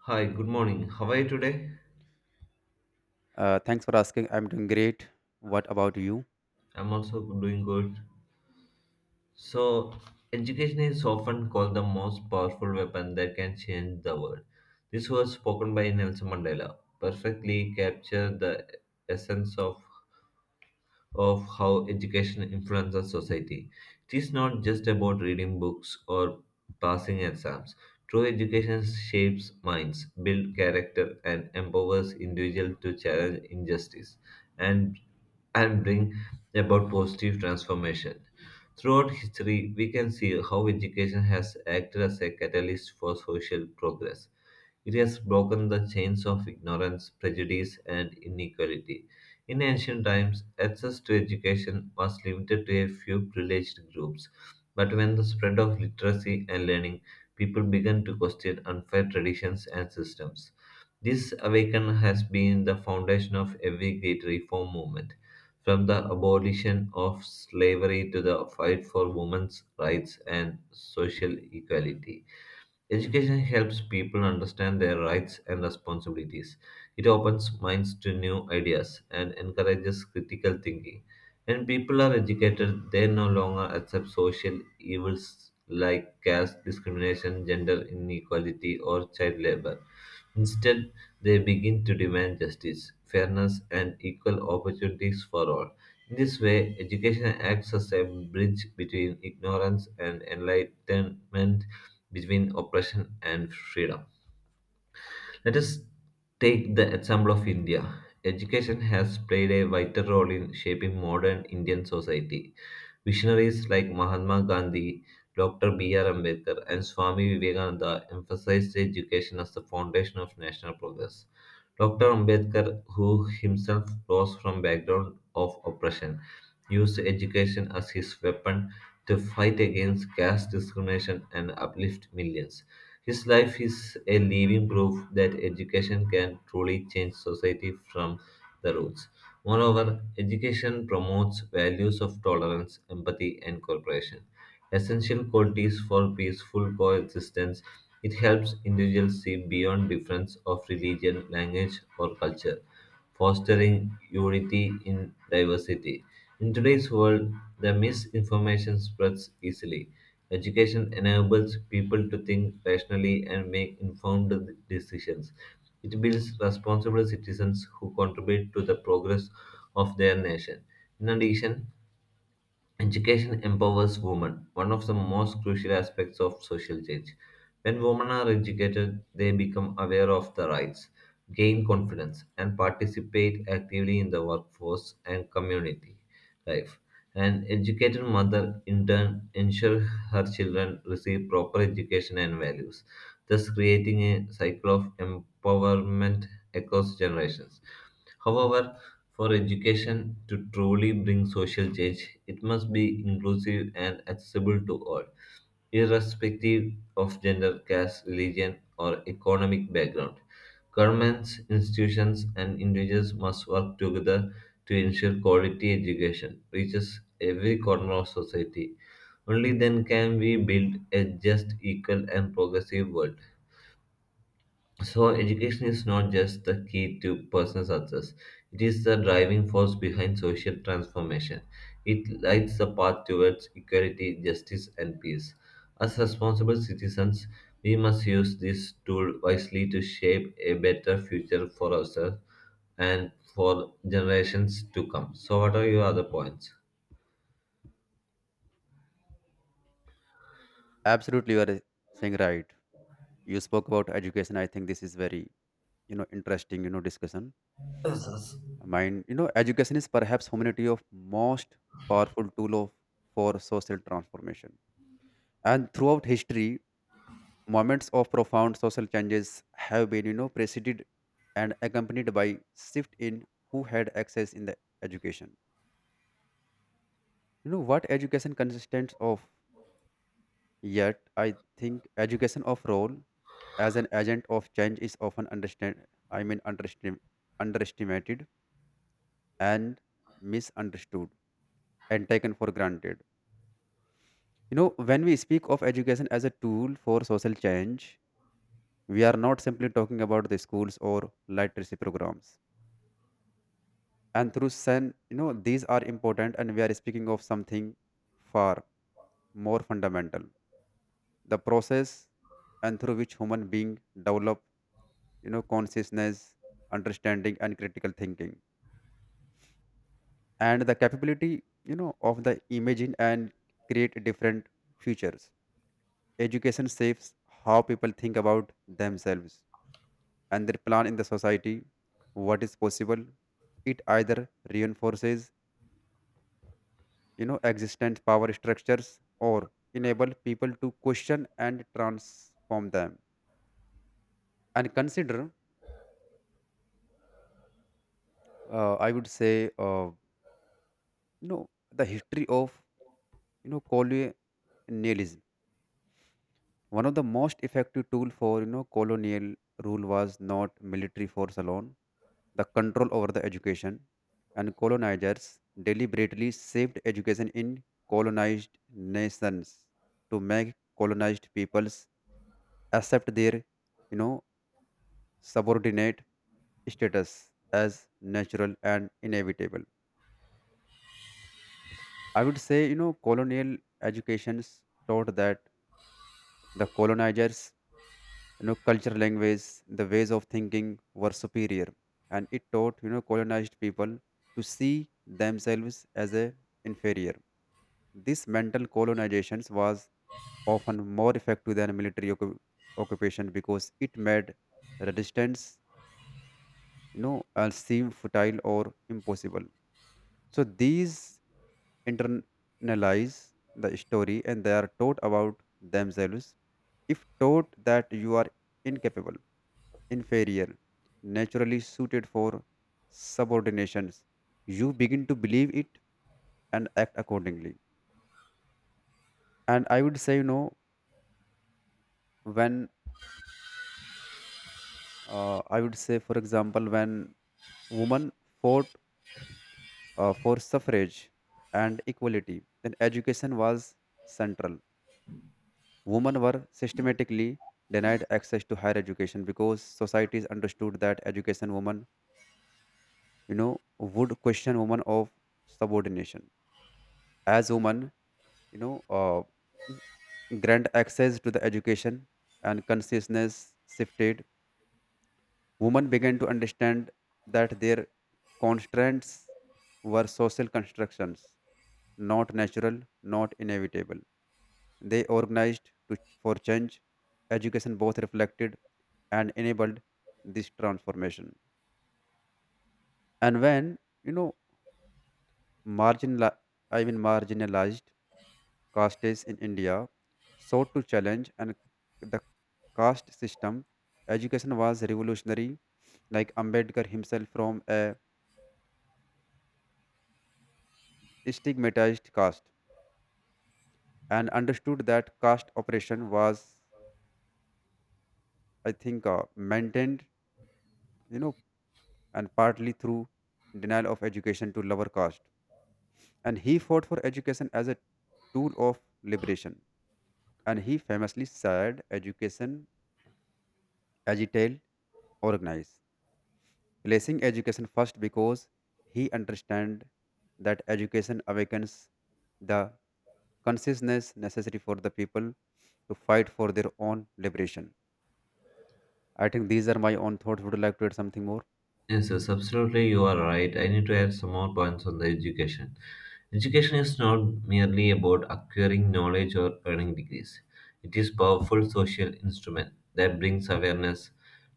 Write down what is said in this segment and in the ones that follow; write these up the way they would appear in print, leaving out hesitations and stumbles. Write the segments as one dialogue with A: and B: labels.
A: Hi, good morning. How are you today?
B: Thanks for asking. I'm doing great. What about you?
A: I'm also doing good. So, education is often called the most powerful weapon that can change the world. This was spoken by Nelson Mandela, perfectly captured the essence of how education influences society. It is not just about reading books or passing exams. True education shapes minds, builds character, and empowers individuals to challenge injustice and, and bring about positive transformation. Throughout history, we can see how education has acted as a catalyst for social progress. It has broken the chains of ignorance, prejudice, and inequality in ancient times, access to education was limited to a few privileged groups, but when the spread of literacy and learning, people began to question unfair traditions and systems. This awakening has been the foundation of every great reform movement, from the abolition of slavery to the fight for women's rights and social equality. Education helps people understand their rights and responsibilities. It opens minds to new ideas and encourages critical thinking. When people are educated, they no longer accept social evils like caste discrimination, gender inequality, or child labor. Instead, they begin to demand justice, fairness, and equal opportunities for all. In this way, education acts as a bridge between ignorance and enlightenment, between oppression and freedom. Let us take the example of India. Education has played a vital role in shaping modern Indian society. Visionaries like Mahatma Gandhi, Dr. B.R. Ambedkar, and Swami Vivekananda emphasized education as the foundation of national progress. Dr. Ambedkar, who himself rose from background of oppression, used education as his weapon to fight against caste discrimination and uplift millions. His life is a living proof that education can truly change society from the roots. Moreover, education promotes values of tolerance, empathy, and cooperation, essential qualities for peaceful coexistence. It helps individuals see beyond difference of religion, language, or culture fostering unity in diversity. In today's world, the misinformation spreads easily. Education enables people to think rationally and make informed decisions. It builds responsible citizens who contribute to the progress of their nation. In addition, education empowers women, one of the most crucial aspects of social change. When women are educated, they become aware of their rights, gain confidence, and participate actively in the workforce and community life. An educated mother, in turn, ensures her children receive proper education and values, thus creating a cycle of empowerment across generations. However, for education to truly bring social change, it must be inclusive and accessible to all, irrespective of gender, caste, religion, or economic background. Governments, institutions, and individuals must work together to ensure quality education reaches every corner of society. Only then can we build a just, equal, and progressive world. So, education is not just the key to personal success, it is the driving force behind social transformation. It lights the path towards equality, justice, and peace. As responsible citizens, we must use this tool wisely to shape a better future for ourselves and for generations to come. So, what are your other points?
B: Absolutely, you are saying right. You spoke about education. I think this is very, interesting, discussion.
A: Yes, yes.
B: Mine, education is perhaps humanity of most powerful tool of for social transformation. And throughout history, moments of profound social changes have been, preceded and accompanied by shift in who had access in the education. You know what education consists of? Yet, I think education of role as an agent of change is often understand I mean underestimated and misunderstood and taken for granted. When we speak of education as a tool for social change, we are not simply talking about the schools or literacy programs. And through SEN, these are important and we are speaking of something far more fundamental. The process and through which human being develop, consciousness, understanding and critical thinking, and the capability of the imagine and create different futures. Education shapes how people think about themselves and their plan in the society, what is possible. It either reinforces existent power structures or enable people to question and transform them, and consider, I would say, uh, you know the history of colonialism. One of the most effective tool for colonial rule was not military force alone, the control over the education, and colonizers deliberately saved education in colonized nations to make colonized peoples accept their you know subordinate status as natural and inevitable. I would say colonial educations taught that the colonizers, culture, language, the ways of thinking, were superior, and it taught colonized people to see themselves as a inferior. This mental colonizations was often more effective than military occupation because it made resistance, seem futile or impossible. So these internalize the story and they are taught about themselves. If taught that you are incapable, inferior, naturally suited for subordinations, you begin to believe it and act accordingly. And I would say, when, I would say, for example, when women fought, for suffrage and equality, then education was central. Women were systematically denied access to higher education because societies understood that education women, would question women of subordination. As women, you know, uh, grant access to the education, and consciousness shifted. Women began to understand that their constraints were social constructions, not natural, not inevitable. They organized for change. Education both reflected and enabled this transformation. And when you know marginal, I mean marginalized castes in India sought to challenge and the caste system. Education was revolutionary, like Ambedkar himself from a stigmatized caste and understood that caste oppression was, I think, maintained, you know, and partly through denial of education to lower caste. And he fought for education as a tool of liberation. And he famously said, "Education, agitate, organize." Placing education first because he understand that education awakens the consciousness necessary for the people to fight for their own liberation. I think these are my own thoughts. Would you like to add something more?
A: Yes, yes, absolutely, you are right. I need to add some more points on the education. Education is not merely about acquiring knowledge or earning degrees. It is powerful social instrument that brings awareness,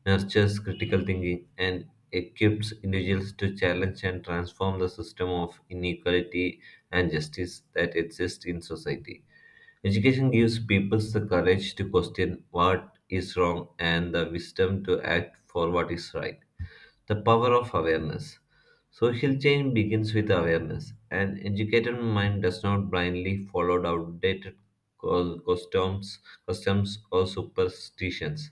A: nurtures critical thinking, and equips individuals to challenge and transform the system of inequality and justice that exists in society. Education gives people the courage to question what is wrong and the wisdom to act for what is right. The power of awareness. Social change begins with awareness. An educated mind does not blindly follow outdated co- customs, customs or superstitions.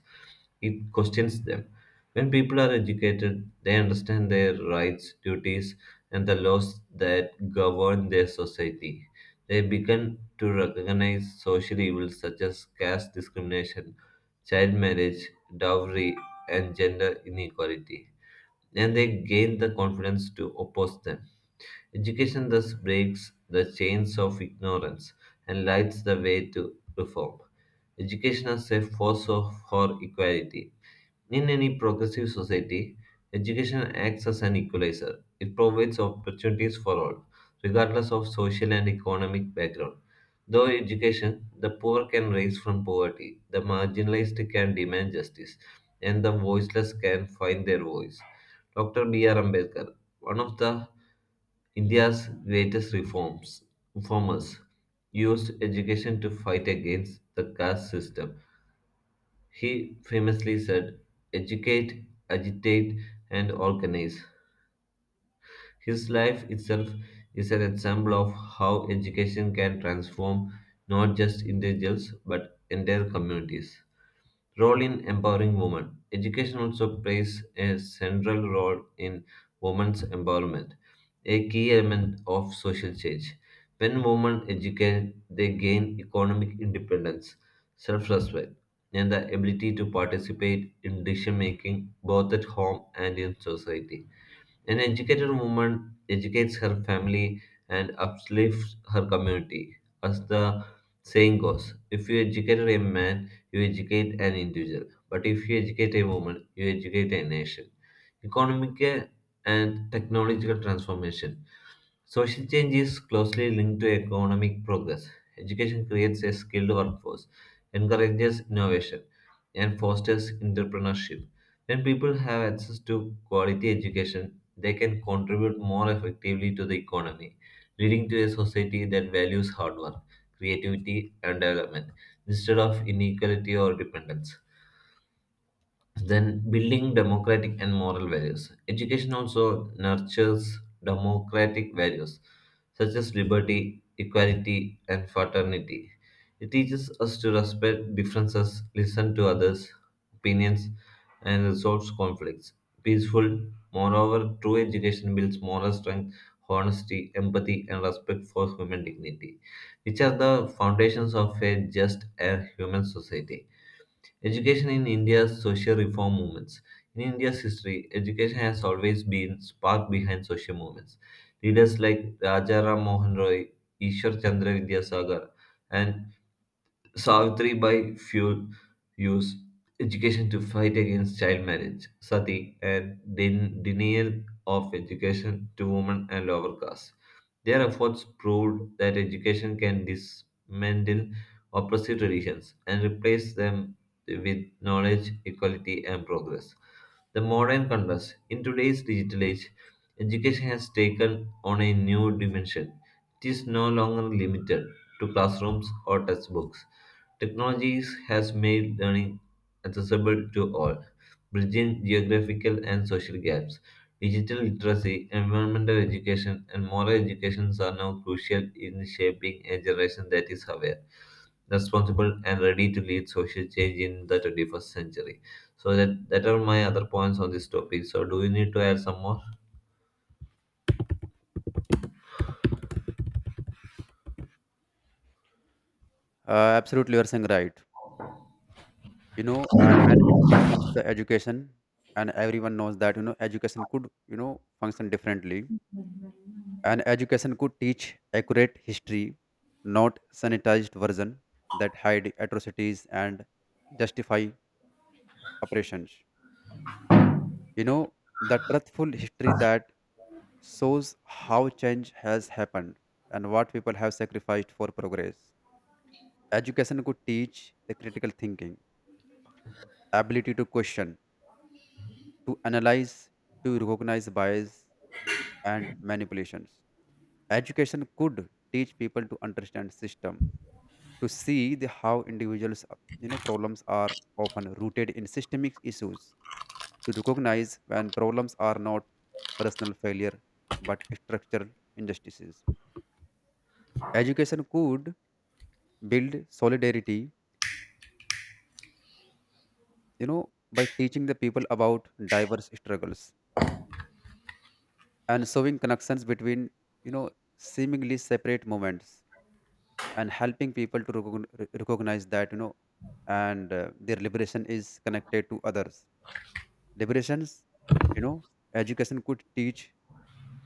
A: It questions them. When people are educated, they understand their rights, duties, and the laws that govern their society. They begin to recognize social evils such as caste discrimination, child marriage, dowry, and gender inequality and they gain the confidence to oppose them. Education thus breaks the chains of ignorance and lights the way to reform. Education as a force for equality in any progressive society, education acts as an equalizer. It provides opportunities for all, regardless of social and economic background. Through education, the poor can rise from poverty, the marginalized can demand justice, and the voiceless can find their voice. Dr. B.R. Ambedkar, one of the India's greatest reformers, used education to fight against the caste system he famously said, educate, agitate, and organize. His life itself is an example of how education can transform not just individuals but entire communities. Role in empowering women. Education also plays a central role in women's empowerment, a key element of social change. When women educate, they gain economic independence, self respect, and the ability to participate in decision making both at home and in society. An educated woman educates her family and uplifts her community. As the saying goes, if you educate a man, you educate an individual. But if you educate a woman, you educate a nation. Economic and technological transformation. Social change is closely linked to economic progress. Education creates a skilled workforce, encourages innovation, and fosters entrepreneurship. When people have access to quality education, they can contribute more effectively to the economy, leading to a society that values hard work, creativity, and development instead of inequality or dependence. Then, building democratic and moral values. Education also nurtures democratic values such as liberty, equality, and fraternity. It teaches us to respect differences, listen to others' opinions, and resolve conflicts. Peaceful, moreover, true education builds moral strength, honesty, empathy, and respect for human dignity, which are the foundations of a just and human society. Education in India's social reform movements. In India's history, education has always been spark behind social movements. Leaders like Rajaram Mohan Roy, Ishwar Chandra Vidyasagar, and Savitri Bai Phule used education to fight against child marriage, sati, and denial of education to women and lower castes. Their efforts proved that education can dismantle oppressive traditions and replace them with knowledge, equality, and progress. The modern converse in today's digital age, education has taken on a new dimension. It is no longer limited to classrooms or textbooks. Technologies has made learning accessible to all bridging geographical and social gaps. Digital literacy, environmental education, and moral education are now crucial in shaping a generation that is aware, responsible, and ready to lead social change in the 21st century. So that are my other points on this topic. So do you need to add some more?
B: Uh, Absolutely, you're saying right. And when it comes to the education, and everyone knows that education could function differently, and education could teach accurate history, not sanitized version that hide atrocities and justify operations. You know, the truthful history that shows how change has happened and what people have sacrificed for progress. Education could teach the critical thinking, ability to question, to analyze, to recognize bias and manipulations. Education could teach people to understand system, to see the how individuals problems are often rooted in systemic issues. You recognize when problems are not personal failure but structural injustices. Education could build solidarity, by teaching the people about diverse struggles and showing connections between, you know, seemingly separate moments, and helping people to recognize that, you know, and their liberation is connected to others liberations you know Education could teach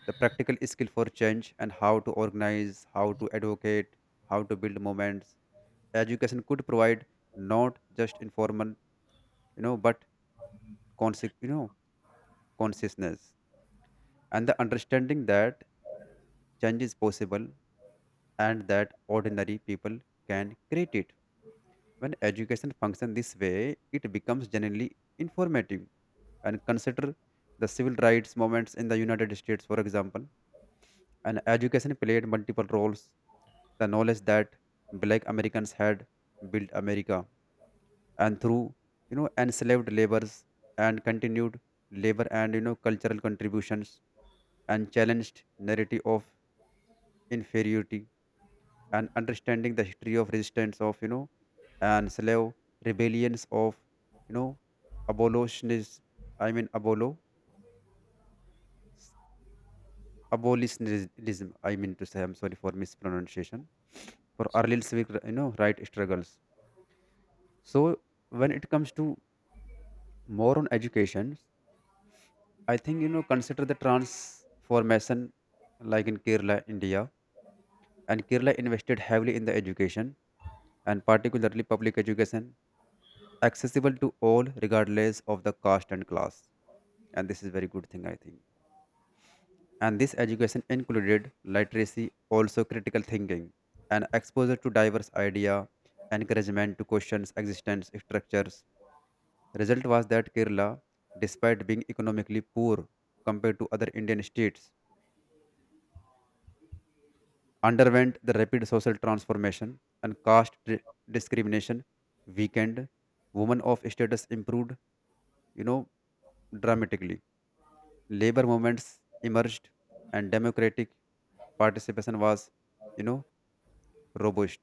B: the practical skill for change, and how to organize, how to advocate, how to build movements. Education could provide not just informal, but consci- you know consciousness, and the understanding that change is possible and that ordinary people can create it. When education functions this way it becomes genuinely informative, and consider the civil rights movements in the United States, for example, and education played multiple roles. The knowledge that black Americans had built America and through enslaved labors and continued labor and cultural contributions, and challenged narrative of inferiority, and understanding the history of resistance of, and slave rebellions of you know abolitionists, I mean abolo abolitionism. I mean to say, I'm sorry for mispronunciation for early civic right struggles. So when it comes to more on education, I think, consider the transformation like in Kerala, India. And Kerala invested heavily in the education, and particularly public education accessible to all regardless of the caste and class. And this is very good thing I think. And this education included literacy, also critical thinking and exposure to diverse idea, encouragement to question existence structures. Result was that Kerala, despite being economically poor compared to other Indian states, underwent the rapid social transformation. And caste discrimination weakened, women of status improved you know dramatically, labor movements emerged, and democratic participation was you know robust.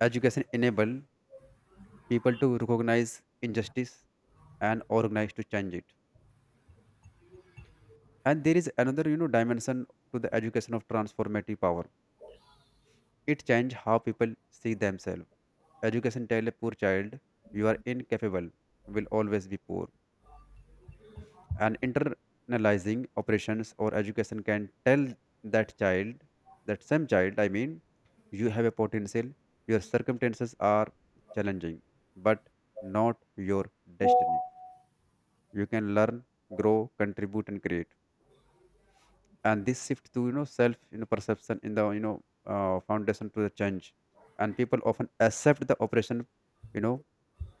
B: Education enable people to recognize injustice and organize to change it. And there is another, dimension to the education of transformative power. It change how people see themselves. Education tell a poor child you are incapable, will always be poor. And internalizing operations, or education can tell that child, that same child, I mean, you have a potential, your circumstances are challenging, but not your destiny. You can learn, grow, contribute and create. And this shift to self perception in the foundation to the change, and people often accept the operation, you know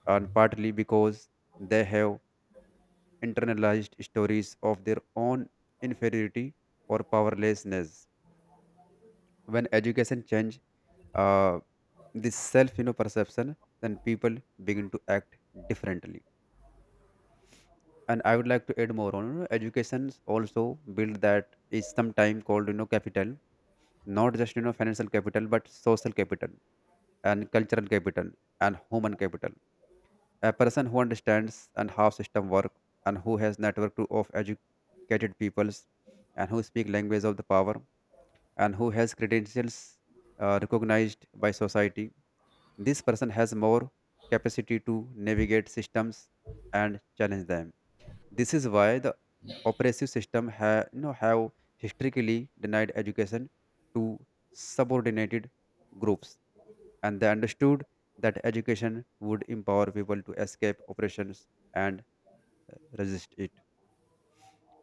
B: and partly because they have internalized stories of their own inferiority or powerlessness. When education change, uh, this self perception, then people begin to act differently. And I would like to add more on, educations also build that is sometimes called capital, not just financial capital but social capital and cultural capital and human capital. A person who understands and how system work, and who has network of educated peoples, and who speak language of the power, and who has credentials, recognized by society, this person has more capacity to navigate systems and challenge them. This is why the oppressive system have historically denied education to subordinated groups, and they understood that education would empower people to escape oppressions and resist it.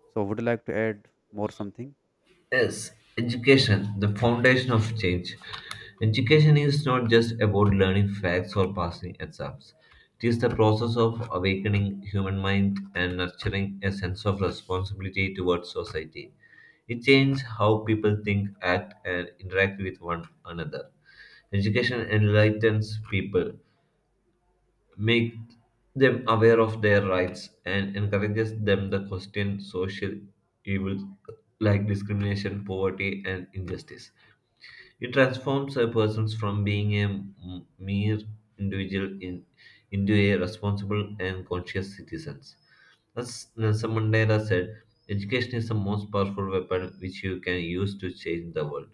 B: So, would you like to add more something?
A: Yes, education, the foundation of change. Education is not just about learning facts or passing exams. It is the process of awakening human mind and nurturing a sense of responsibility towards society. It changes how people think, act, and interact with one another. Education enlightens people, make them aware of their rights, and encourages them to question social evils like discrimination, poverty, and injustice. It transforms a person from being a mere individual into a responsible and conscious citizen. As Nelson Mandela said, education is the most powerful weapon which you can use to change the world.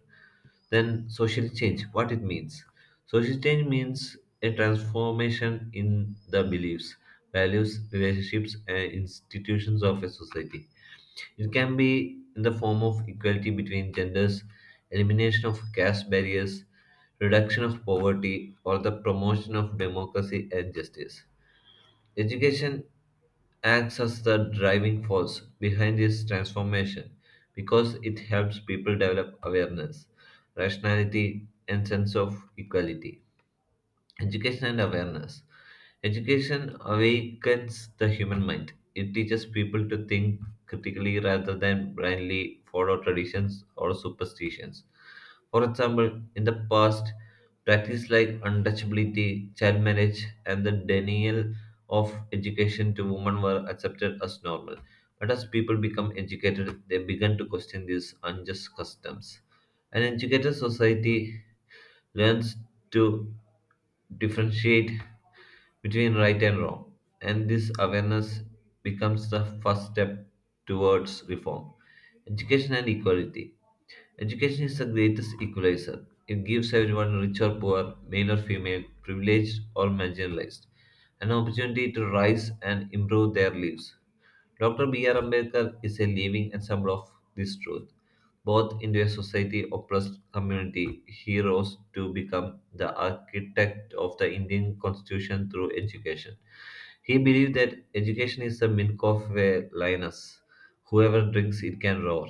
A: Then social change, what it means. Social change means a transformation in the beliefs, values, relationships, and institutions of a society. It can be in the form of equality between genders, elimination of caste barriers, reduction of poverty, or the promotion of democracy and justice. Education acts as the driving force behind this transformation because it helps people develop awareness, rationality, and sense of equality. Education and awareness. Education awakens the human mind. It teaches people to think critically rather than blindly follow traditions or superstitions. For example, in the past, practices like untouchability, child marriage, and the denial of education to women were accepted as normal. But as people become educated, they began to question these unjust customs. An educated society learns to differentiate between right and wrong. And this awareness becomes the first step towards reform. Education and equality. Education is the greatest equalizer. It gives everyone, rich or poor, male or female, privileged or marginalized, an opportunity to rise and improve their lives. Dr. B.R. Ambedkar is a living example of this truth both into a society oppressed community he rose to become the architect of the Indian constitution through education. He believed that education is the milk of a lioness. Whoever drinks it can roar.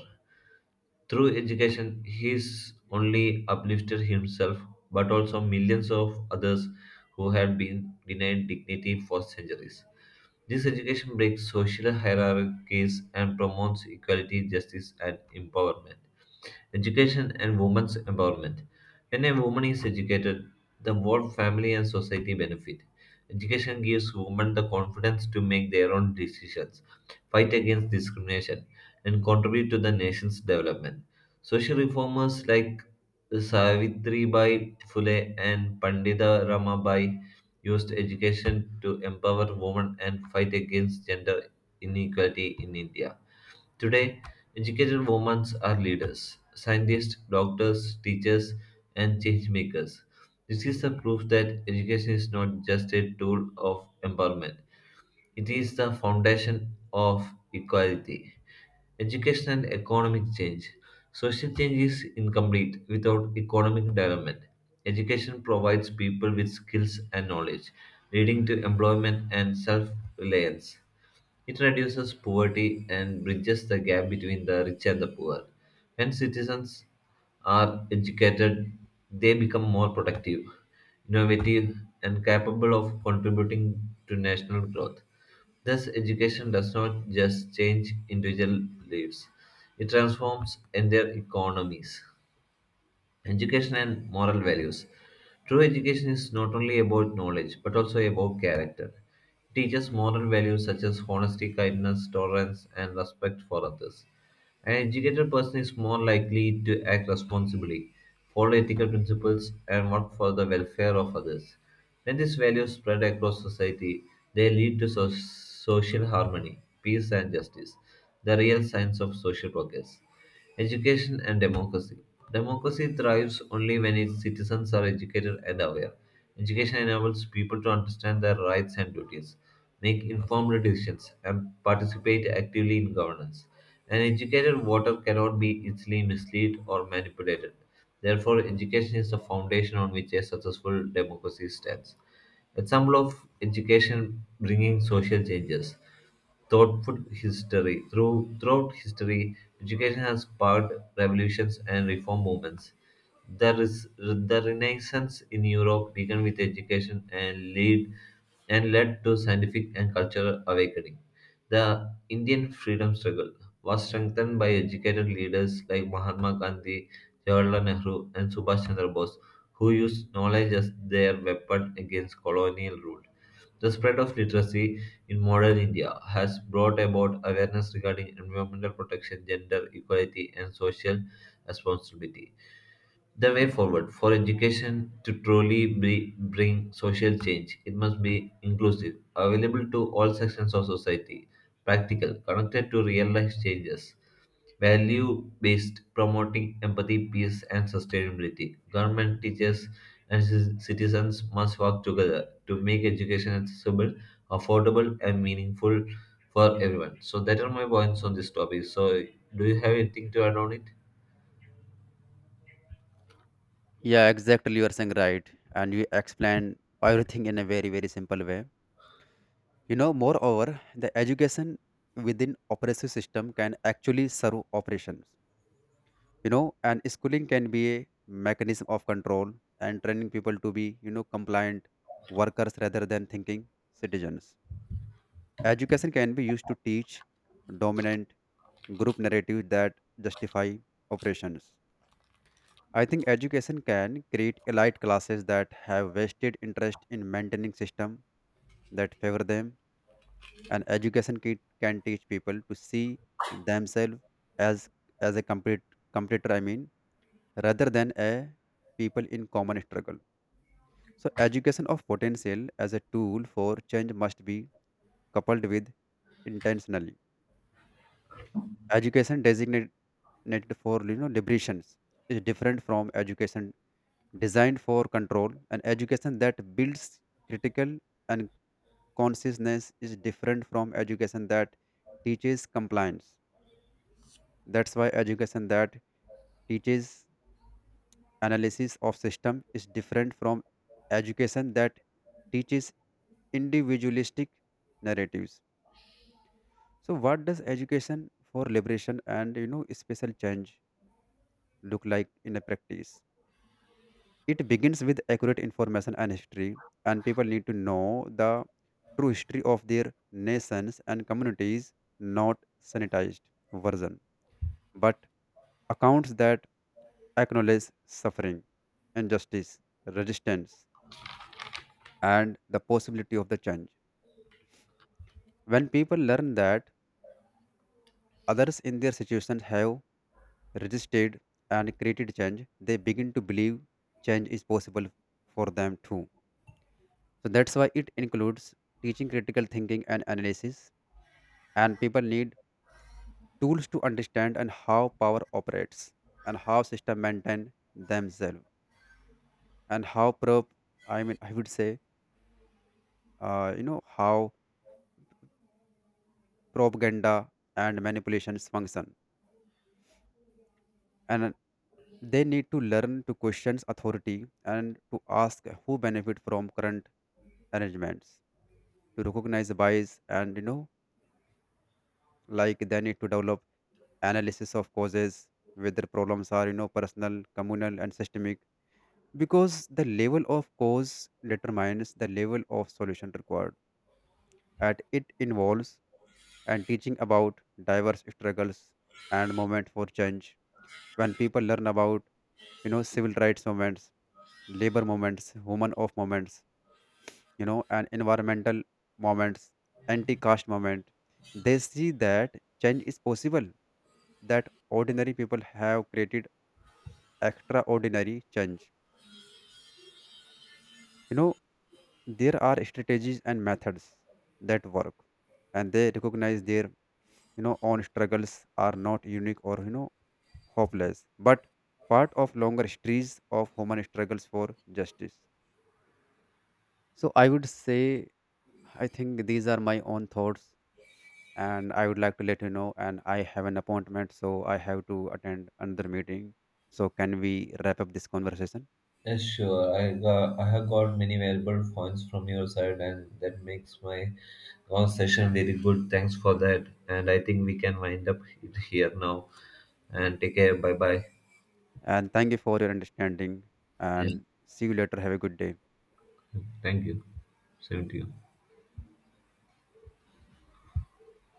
A: Through education, he's only uplifted himself, but also millions of others who had been denied dignity for centuries. This education breaks social hierarchies and promotes equality, justice, and empowerment. Education and women's empowerment. When a woman is educated, the whole family and society benefit. Education gives women the confidence to make their own decisions, fight against discrimination, and contribute to the nation's development. Social reformers like Savitri Bai Phule and Pandita Ramabai used education to empower women and fight against gender inequality in India. Today, educated women are leaders, scientists, doctors, teachers, and change makers. This is the proof that education is not just a tool of empowerment, it is the foundation of equality. Education and economic change. Social change is incomplete without economic development. Education provides people with skills and knowledge, leading to employment and self reliance. It reduces poverty and bridges the gap between the rich and the poor. When citizens are educated, they become more productive, innovative, and capable of contributing to national growth. Thus, education does not just change individual lives, it transforms entire economies. Education and moral values. True education is not only about knowledge but also about character. It teaches moral values such as honesty, kindness, tolerance, and respect for others. An educated person is more likely to act responsibly, follow ethical principles, and work for the welfare of others. When these values spread across society, they lead to social harmony, peace, and justice, the real signs of social progress. Education and democracy. Democracy thrives only when its citizens are educated and aware. Education enables people to understand their rights and duties, make informed decisions, and participate actively in governance. An educated voter cannot be easily misled or manipulated. Therefore, education is the foundation on which a successful democracy stands. Example of education bringing social changes thoughtful history. Throughout history, education has sparked revolutions and reform movements. The Renaissance in Europe began with education and lead and led to scientific and cultural awakening. The Indian freedom struggle was strengthened by educated leaders like Mahatma Gandhi, Jawaharlal Nehru, and Subhash Chandra Bose, who used knowledge as their weapon against colonial rule. The spread of literacy in modern India has brought about awareness regarding environmental protection, gender equality, and social responsibility. The way forward for education to truly bring social change, it must be inclusive, available to all sections of society, practical, connected to real life changes value based promoting empathy peace and sustainability government teachers and citizens must work together to make education accessible affordable and meaningful for everyone so that are my points on this topic so do you have anything to add on it.
B: Yeah, exactly. You are saying right, and you explain everything in a very very simple way. Moreover, the education within oppressive system can actually serve operations, you know and schooling can be a mechanism of control and training people to be compliant workers rather than thinking citizens. Education can be used to teach dominant group narratives that justify oppressions. I think education can create elite classes that have vested interest in maintaining system that favor them. And education can teach people to see themselves as a completer, I mean, rather than a people in common struggle. So education of potential as a tool for change must be coupled with intentionally. Education designated for liberations is different from education designed for control, and education that builds critical and consciousness is different from education that teaches compliance. That's why education that teaches analysis of system is different from education that teaches individualistic narratives. So what does education for liberation and special change look like in a practice? It begins with accurate information and history, and people need to know the true history of their nations and communities, not sanitized version, but accounts that acknowledge suffering, injustice, resistance, and the possibility of the change. When people learn that others in their situation have resisted and created change, they begin to believe change is possible for them too. So that's why it includes teaching critical thinking and analysis, and people need tools to understand and how power operates, and how system maintain themselves, and how prop I mean, I would say, how propaganda and manipulations function. And they need to learn to question authority and to ask who benefit from current arrangements, to recognize bias and, like, they need to develop analysis of causes, whether problems are personal, communal and systemic, because the level of cause determines the level of solution required. And it involves and teaching about diverse struggles and moment for change. When people learn about civil rights movements, labor movements, women of movements, and environmental movements, anti-caste movement, they see that change is possible, that ordinary people have created extraordinary change. You know, there are strategies and methods that work, and they recognize their, own struggles are not unique or, hopeless, but part of longer histories of human struggles for justice. So I would say I think these are my own thoughts, and I would like to let you know. And I have an appointment, so I have to attend another meeting. So, can we wrap up this conversation?
A: Yes, sure. I have got many valuable points from your side, and that makes my conversation very good. Thanks for that. And I think we can wind up it here now. And take care. Bye bye.
B: And thank you for your understanding. And see you later. Have a good day.
A: Thank you. Same to you.